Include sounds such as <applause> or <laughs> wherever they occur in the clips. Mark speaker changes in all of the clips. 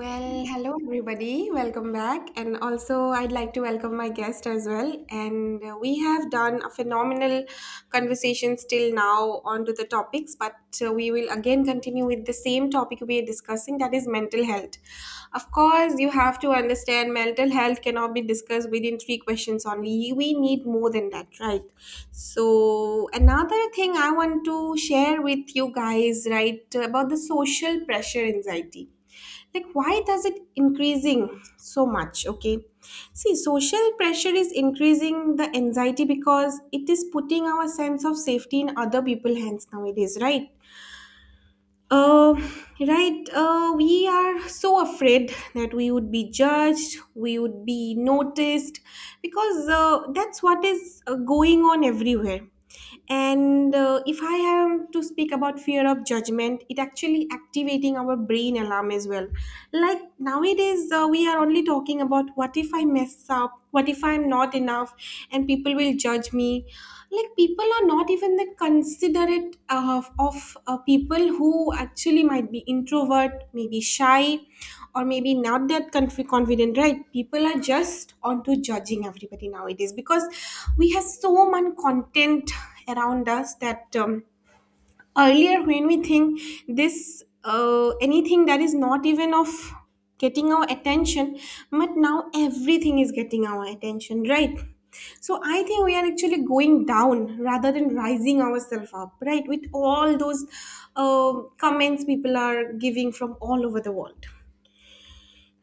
Speaker 1: Well, hello everybody. Welcome back. And also, I'd like to welcome my guest as well. And We have done a phenomenal conversation still now onto the topics, but we will again continue with the same topic we are discussing, that is mental health. Of course, you have to understand mental health cannot be discussed within three questions only. We need more than that, right? So, another thing I want to share with you guys, right, about the social pressure anxiety, like why does it increasing so much. Okay, see, social pressure is increasing the anxiety because it is putting our sense of safety in other people's hands nowadays, right? uh, right we are so afraid that we would be judged, we would be noticed, because that's what is going on everywhere. And if I am to speak about fear of judgment, it actually activating our brain alarm as well. Like nowadays we are only talking about what if I mess up, what if I'm not enough and people will judge me. Like people are not even that considerate of people who actually might be introvert, maybe shy, or maybe not that confident, right? People are just onto judging everybody nowadays because we have so much content around us. That earlier when we think this, anything that is not even of getting our attention, but now everything is getting our attention, right? So I think we are actually going down rather than rising ourselves up, right, with all those uh, comments people are giving from all over the world.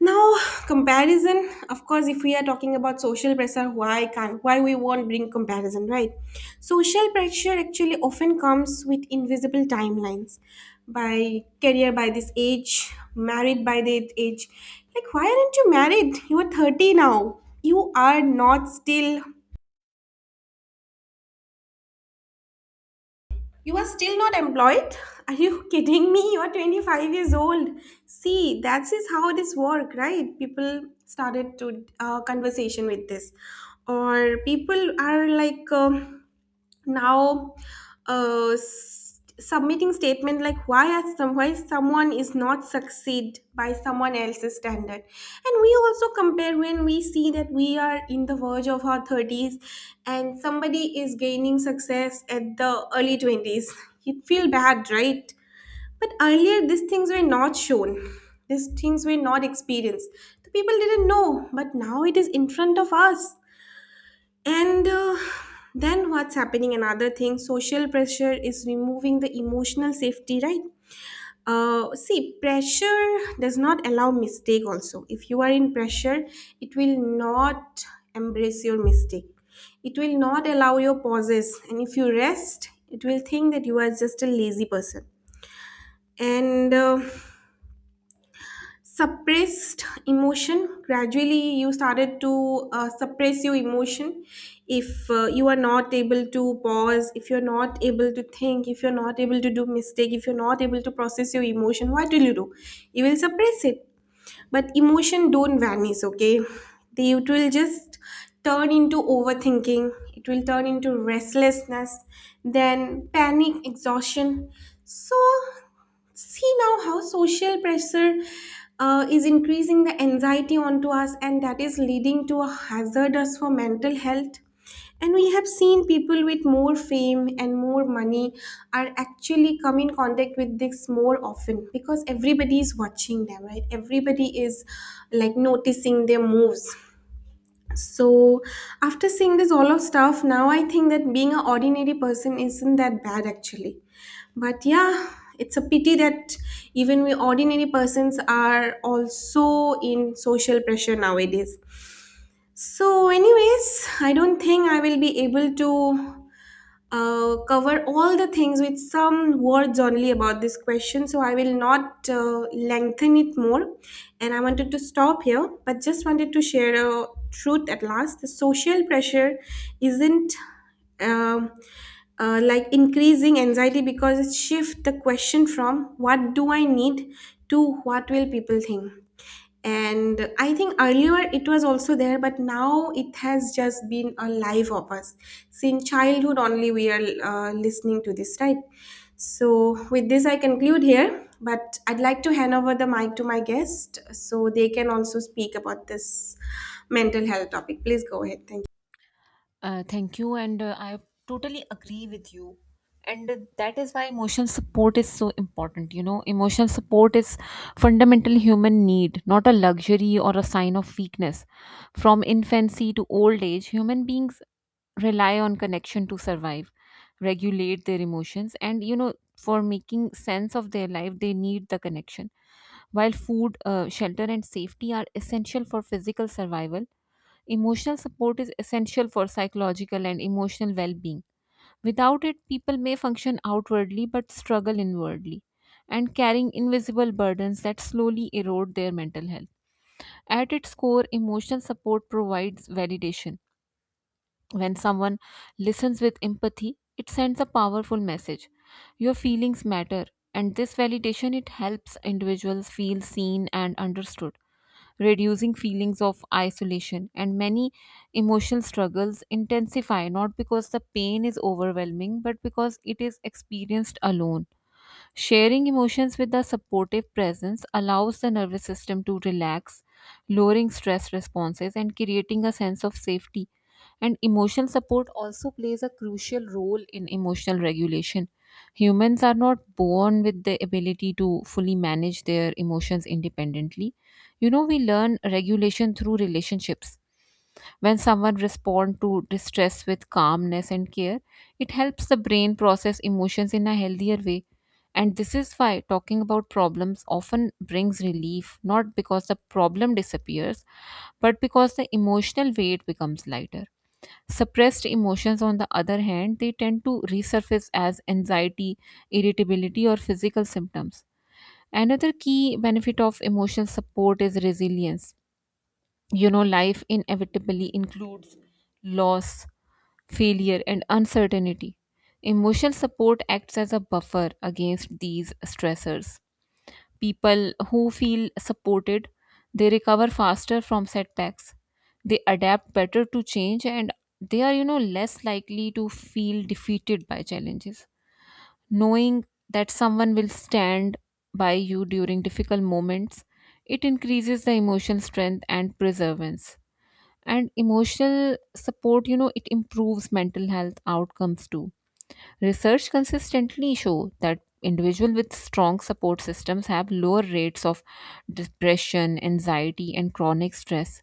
Speaker 1: Now, comparison, of course, if we are talking about social pressure, why we won't bring comparison, right? Social pressure actually often comes with invisible timelines, by career by this age, married by that age. Like, why aren't you married? You are 30 now. You are not still. You are still not employed? Are you <laughs> kidding me? You are 25 years old. See, that is how this work, right? People started to conversation with this, or people are like. Now submitting statement like why as some, why someone is not succeed by someone else's standard. And we also compare when we see that we are in the verge of our 30s and somebody is gaining success at the early 20s. You feel bad, right? But earlier these things were not shown, these things were not experienced, the people didn't know, but now it is in front of us. And then what's happening? Another thing, social pressure is removing the emotional safety, right? See, pressure does not allow mistake, also. If you are in pressure, it will not embrace your mistake, it will not allow your pauses. And if you rest, it will think that you are just a lazy person. And Suppressed emotion, gradually you started to suppress your emotion. If you are not able to pause, if you're not able to think, if you're not able to do mistake, if you're not able to process your emotion, what will you do? You will suppress it. But emotion don't vanish, okay? they It will just turn into overthinking, it will turn into restlessness, then panic, exhaustion. So see now how social pressure is increasing the anxiety onto us, and that is leading to a hazardous for mental health. And we have seen people with more fame and more money are actually come in contact with this more often, because everybody is watching them, right? Everybody is like noticing their moves. So after seeing this all of stuff, now I think that being an ordinary person isn't that bad actually. But yeah, it's a pity that even we ordinary persons are also in social pressure nowadays. So, anyways, I don't think I will be able to cover all the things with some words only about this question. So I will not lengthen it more. And I wanted to stop here, but just wanted to share a truth at last. The social pressure isn't. um like, increasing anxiety because it shifts the question from what do I need to what will people think. And I think earlier it was also there, but now it has just been a life of us. Since childhood only we are listening to this, right? So with this I conclude here, but I'd like to hand over the mic to my guest so they can also speak about this mental health topic. Please go ahead. Thank you.
Speaker 2: Thank you, and I totally agree with you. And that is why emotional support is so important. You know, emotional support is fundamental human need, not a luxury or a sign of weakness. From infancy to old age, human beings rely on connection to survive, regulate their emotions, and you know, for making sense of their life, they need the connection. While food, shelter, and safety are essential for physical survival, emotional support is essential for psychological and emotional well being. Without it, people may function outwardly but struggle inwardly and carrying invisible burdens that slowly erode their mental health. At its core, emotional support provides validation when someone listens with empathy, it sends a powerful message. Your feelings matter, and this validation it helps individuals feel seen and understood, reducing feelings of isolation, and many emotional struggles intensify not because the pain is overwhelming but because it is experienced alone. Sharing emotions with a supportive presence allows the nervous system to relax, lowering stress responses and creating a sense of safety. And emotional support also plays a crucial role in emotional regulation. Humans are not born with the ability to fully manage their emotions independently. You know, we learn regulation through relationships when someone responds to distress with calmness and care, it helps the brain process emotions in a healthier way. And this is why talking about problems often brings relief, not because the problem disappears, but because the emotional weight becomes lighter. Suppressed emotions, on the other hand, they tend to resurface as anxiety, irritability, or physical symptoms. Another key benefit of emotional support is resilience. You know, life inevitably includes loss, failure, and uncertainty. Emotional support acts as a buffer against these stressors. People who feel supported, they recover faster from setbacks, they adapt better to change, and they are, you know, less likely to feel defeated by challenges. Knowing that someone will stand by you during difficult moments, it increases the emotional strength and perseverance. And emotional support, you know, it improves mental health outcomes too. Research consistently show that individuals with strong support systems have lower rates of depression, anxiety, and chronic stress.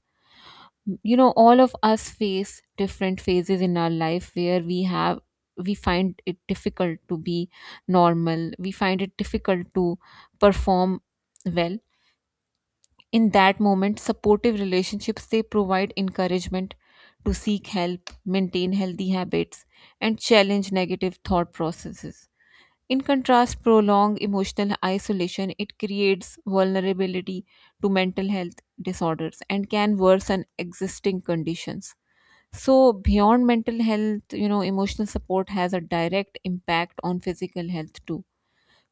Speaker 2: You know, all of us face different phases in our life where we find it difficult to be normal, we find it difficult to perform well. In that moment, supportive relationships they provide encouragement to seek help, maintain healthy habits, and challenge negative thought processes. In contrast, prolonged emotional isolation it creates vulnerability to mental health disorders and can worsen existing conditions. So, beyond mental health, you know, emotional support has a direct impact on physical health too.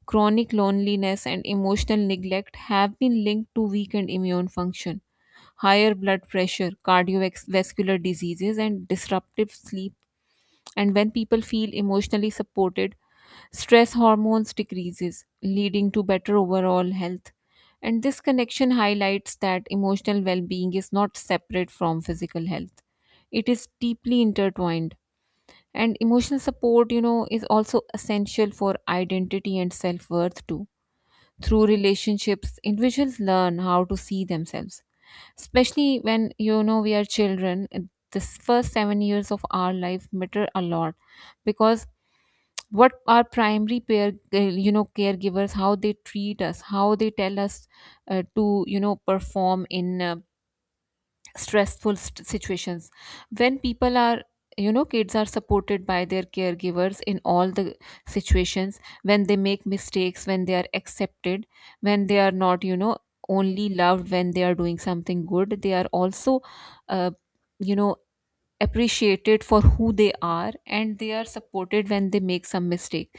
Speaker 2: Chronic loneliness and emotional neglect have been linked to weakened immune function, higher blood pressure, cardiovascular diseases, and disruptive sleep. And when people feel emotionally supported, stress hormones decreases, leading to better overall health. And this connection highlights that emotional well-being is not separate from physical health. It is deeply intertwined. And emotional support, you know, is also essential for identity and self-worth too. Through relationships, individuals learn how to see themselves, especially when, you know, we are children. This first 7 years of our life matter a lot, because what our primary pair you know caregivers, how they treat us, how they tell us to, you know, perform in stressful situations. When people are, you know, kids are supported by their caregivers in all the situations, when they make mistakes, when they are accepted, when they are not, you know, only loved when they are doing something good, they are also, uh, you know appreciated for who they are, and they are supported when they make some mistake.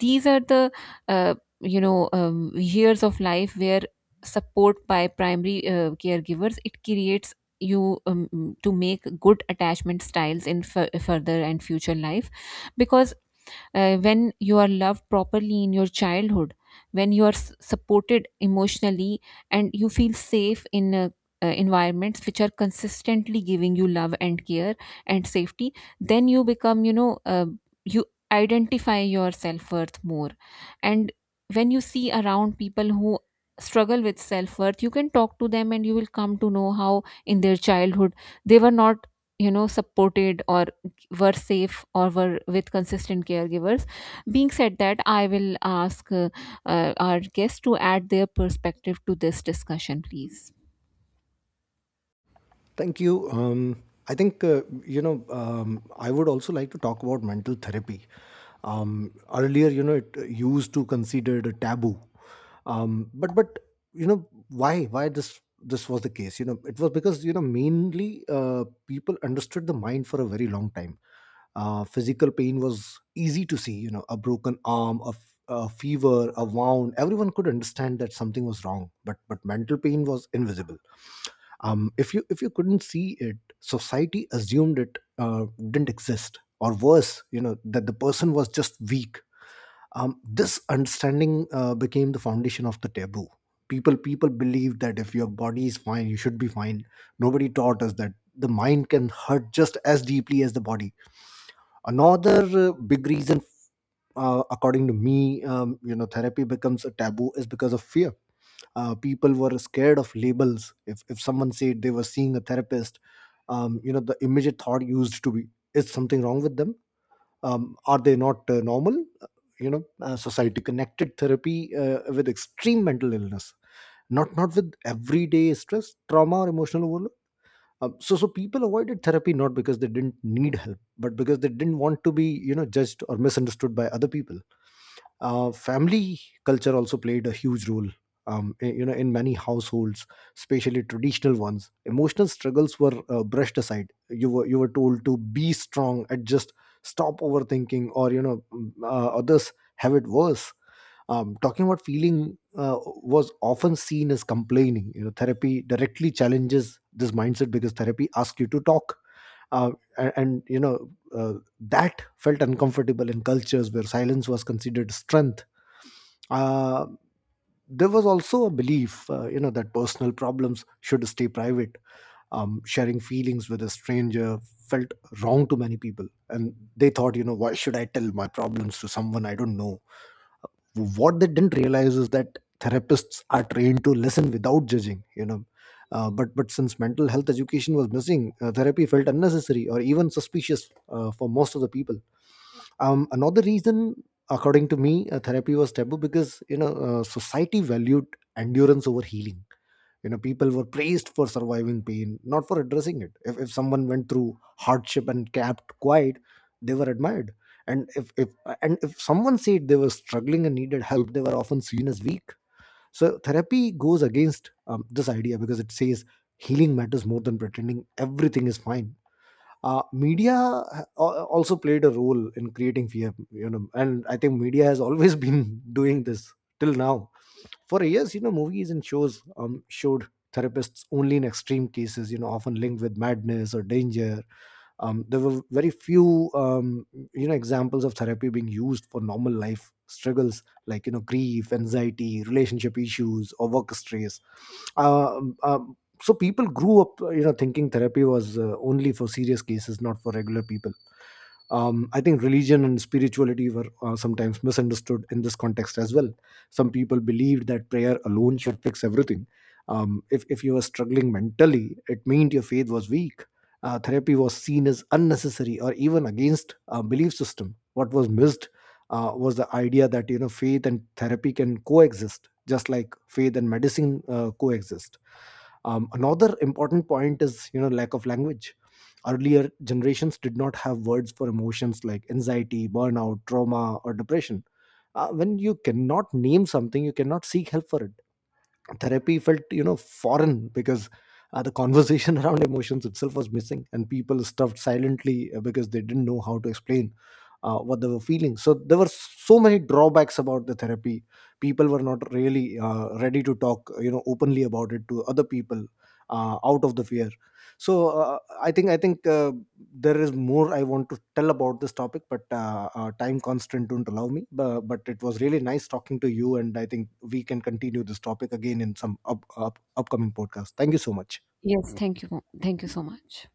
Speaker 2: These are the years of life where support by primary caregivers it creates you to make good attachment styles in further and future life, because when you are loved properly in your childhood, when you are supported emotionally, and you feel safe in environments which are consistently giving you love and care and safety, then you become, you know, you identify your self-worth more. And when you see around people who struggle with self-worth, you can talk to them and you will come to know how in their childhood they were not, you know, supported or were safe or were with consistent caregivers. Being said that, I will ask our guests to add their perspective to this discussion, please.
Speaker 3: Thank you. I think, I would also like to talk about mental therapy. Earlier, it used to considered a taboo. But why this was the case? You know, it was because, mainly people understood the mind for a very long time. Physical pain was easy to see, you know, a broken arm, a fever, a wound. Everyone could understand that something was wrong, but mental pain was invisible. Um, if you couldn't see it, society assumed it didn't exist, or worse, you know, that the person was just weak. Um, this understanding became the foundation of the taboo. People believe that if your body is fine, you should be fine. Nobody taught us that the mind can hurt just as deeply as the body. Another big reason, according to me, you know, therapy becomes a taboo is because of fear. Uh, people were scared of labels. If someone said they were seeing a therapist, you know, the immediate thought used to be, is something wrong with them? Um, are they not normal? Uh, you know, society connected therapy with extreme mental illness, not with everyday stress, trauma, or emotional overload. So people avoided therapy not because they didn't need help, but because they didn't want to be, you know, judged or misunderstood by other people. Uh, family culture also played a huge role. Um, you know, in many households, especially traditional ones, emotional struggles were brushed aside. You were told to be strong and just stop overthinking, or, you know, others have it worse. Um, talking about feeling was often seen as complaining. You know, therapy directly challenges this mindset because therapy asks you to talk, uh, and uh, that felt uncomfortable in cultures where silence was considered strength. uh, there was also a belief, you know, that personal problems should stay private. Um, sharing feelings with a stranger felt wrong to many people, and they thought, you know, why should I tell my problems to someone I don't know? What they didn't realize is that therapists are trained to listen without judging. You know, but since mental health education was missing, therapy felt unnecessary or even suspicious for most of the people. Um, another reason, according to me, therapy was taboo because, you know, society valued endurance over healing. You know, people were praised for surviving pain, not for addressing it. If someone went through hardship and kept quiet, they were admired, and if, if and if someone said they were struggling and needed help, they were often seen as weak. So therapy goes against this idea because it says healing matters more than pretending everything is fine. Uh, media also played a role in creating fear. You know, and I think media has always <laughs> been doing this till now. For years, you know, movies and shows, showed therapists only in extreme cases, you know, often linked with madness or danger. Um, there were very few you know, examples of therapy being used for normal life struggles, like, you know, grief, anxiety, relationship issues, or work stress. Um, so people grew up, you know, thinking therapy was only for serious cases, not for regular people. Um, I think religion and spirituality were sometimes misunderstood in this context as well. Some people believed that prayer alone should fix everything. Um, if you were struggling mentally, it meant your faith was weak. Uh, therapy was seen as unnecessary or even against a belief system. What was missed, was the idea that, you know, faith and therapy can coexist, just like faith and medicine coexist. Um, another important point is, you know, lack of language. Earlier generations did not have words for emotions like anxiety, burnout, trauma, or depression. When you cannot name something, you cannot seek help for it. Therapy felt, you know, foreign because the conversation <laughs> around emotions itself was missing, and people stuffed silently because they didn't know how to explain what they were feeling. So there were so many drawbacks about the therapy. People were not really ready to talk, you know, openly about it to other people out of the fear. So I think there is more I want to tell about this topic, but time constraint don't allow me. But it was really nice talking to you, and I think we can continue this topic again in some upcoming podcast. Thank you so much.
Speaker 2: Yes, thank you. Thank you so much.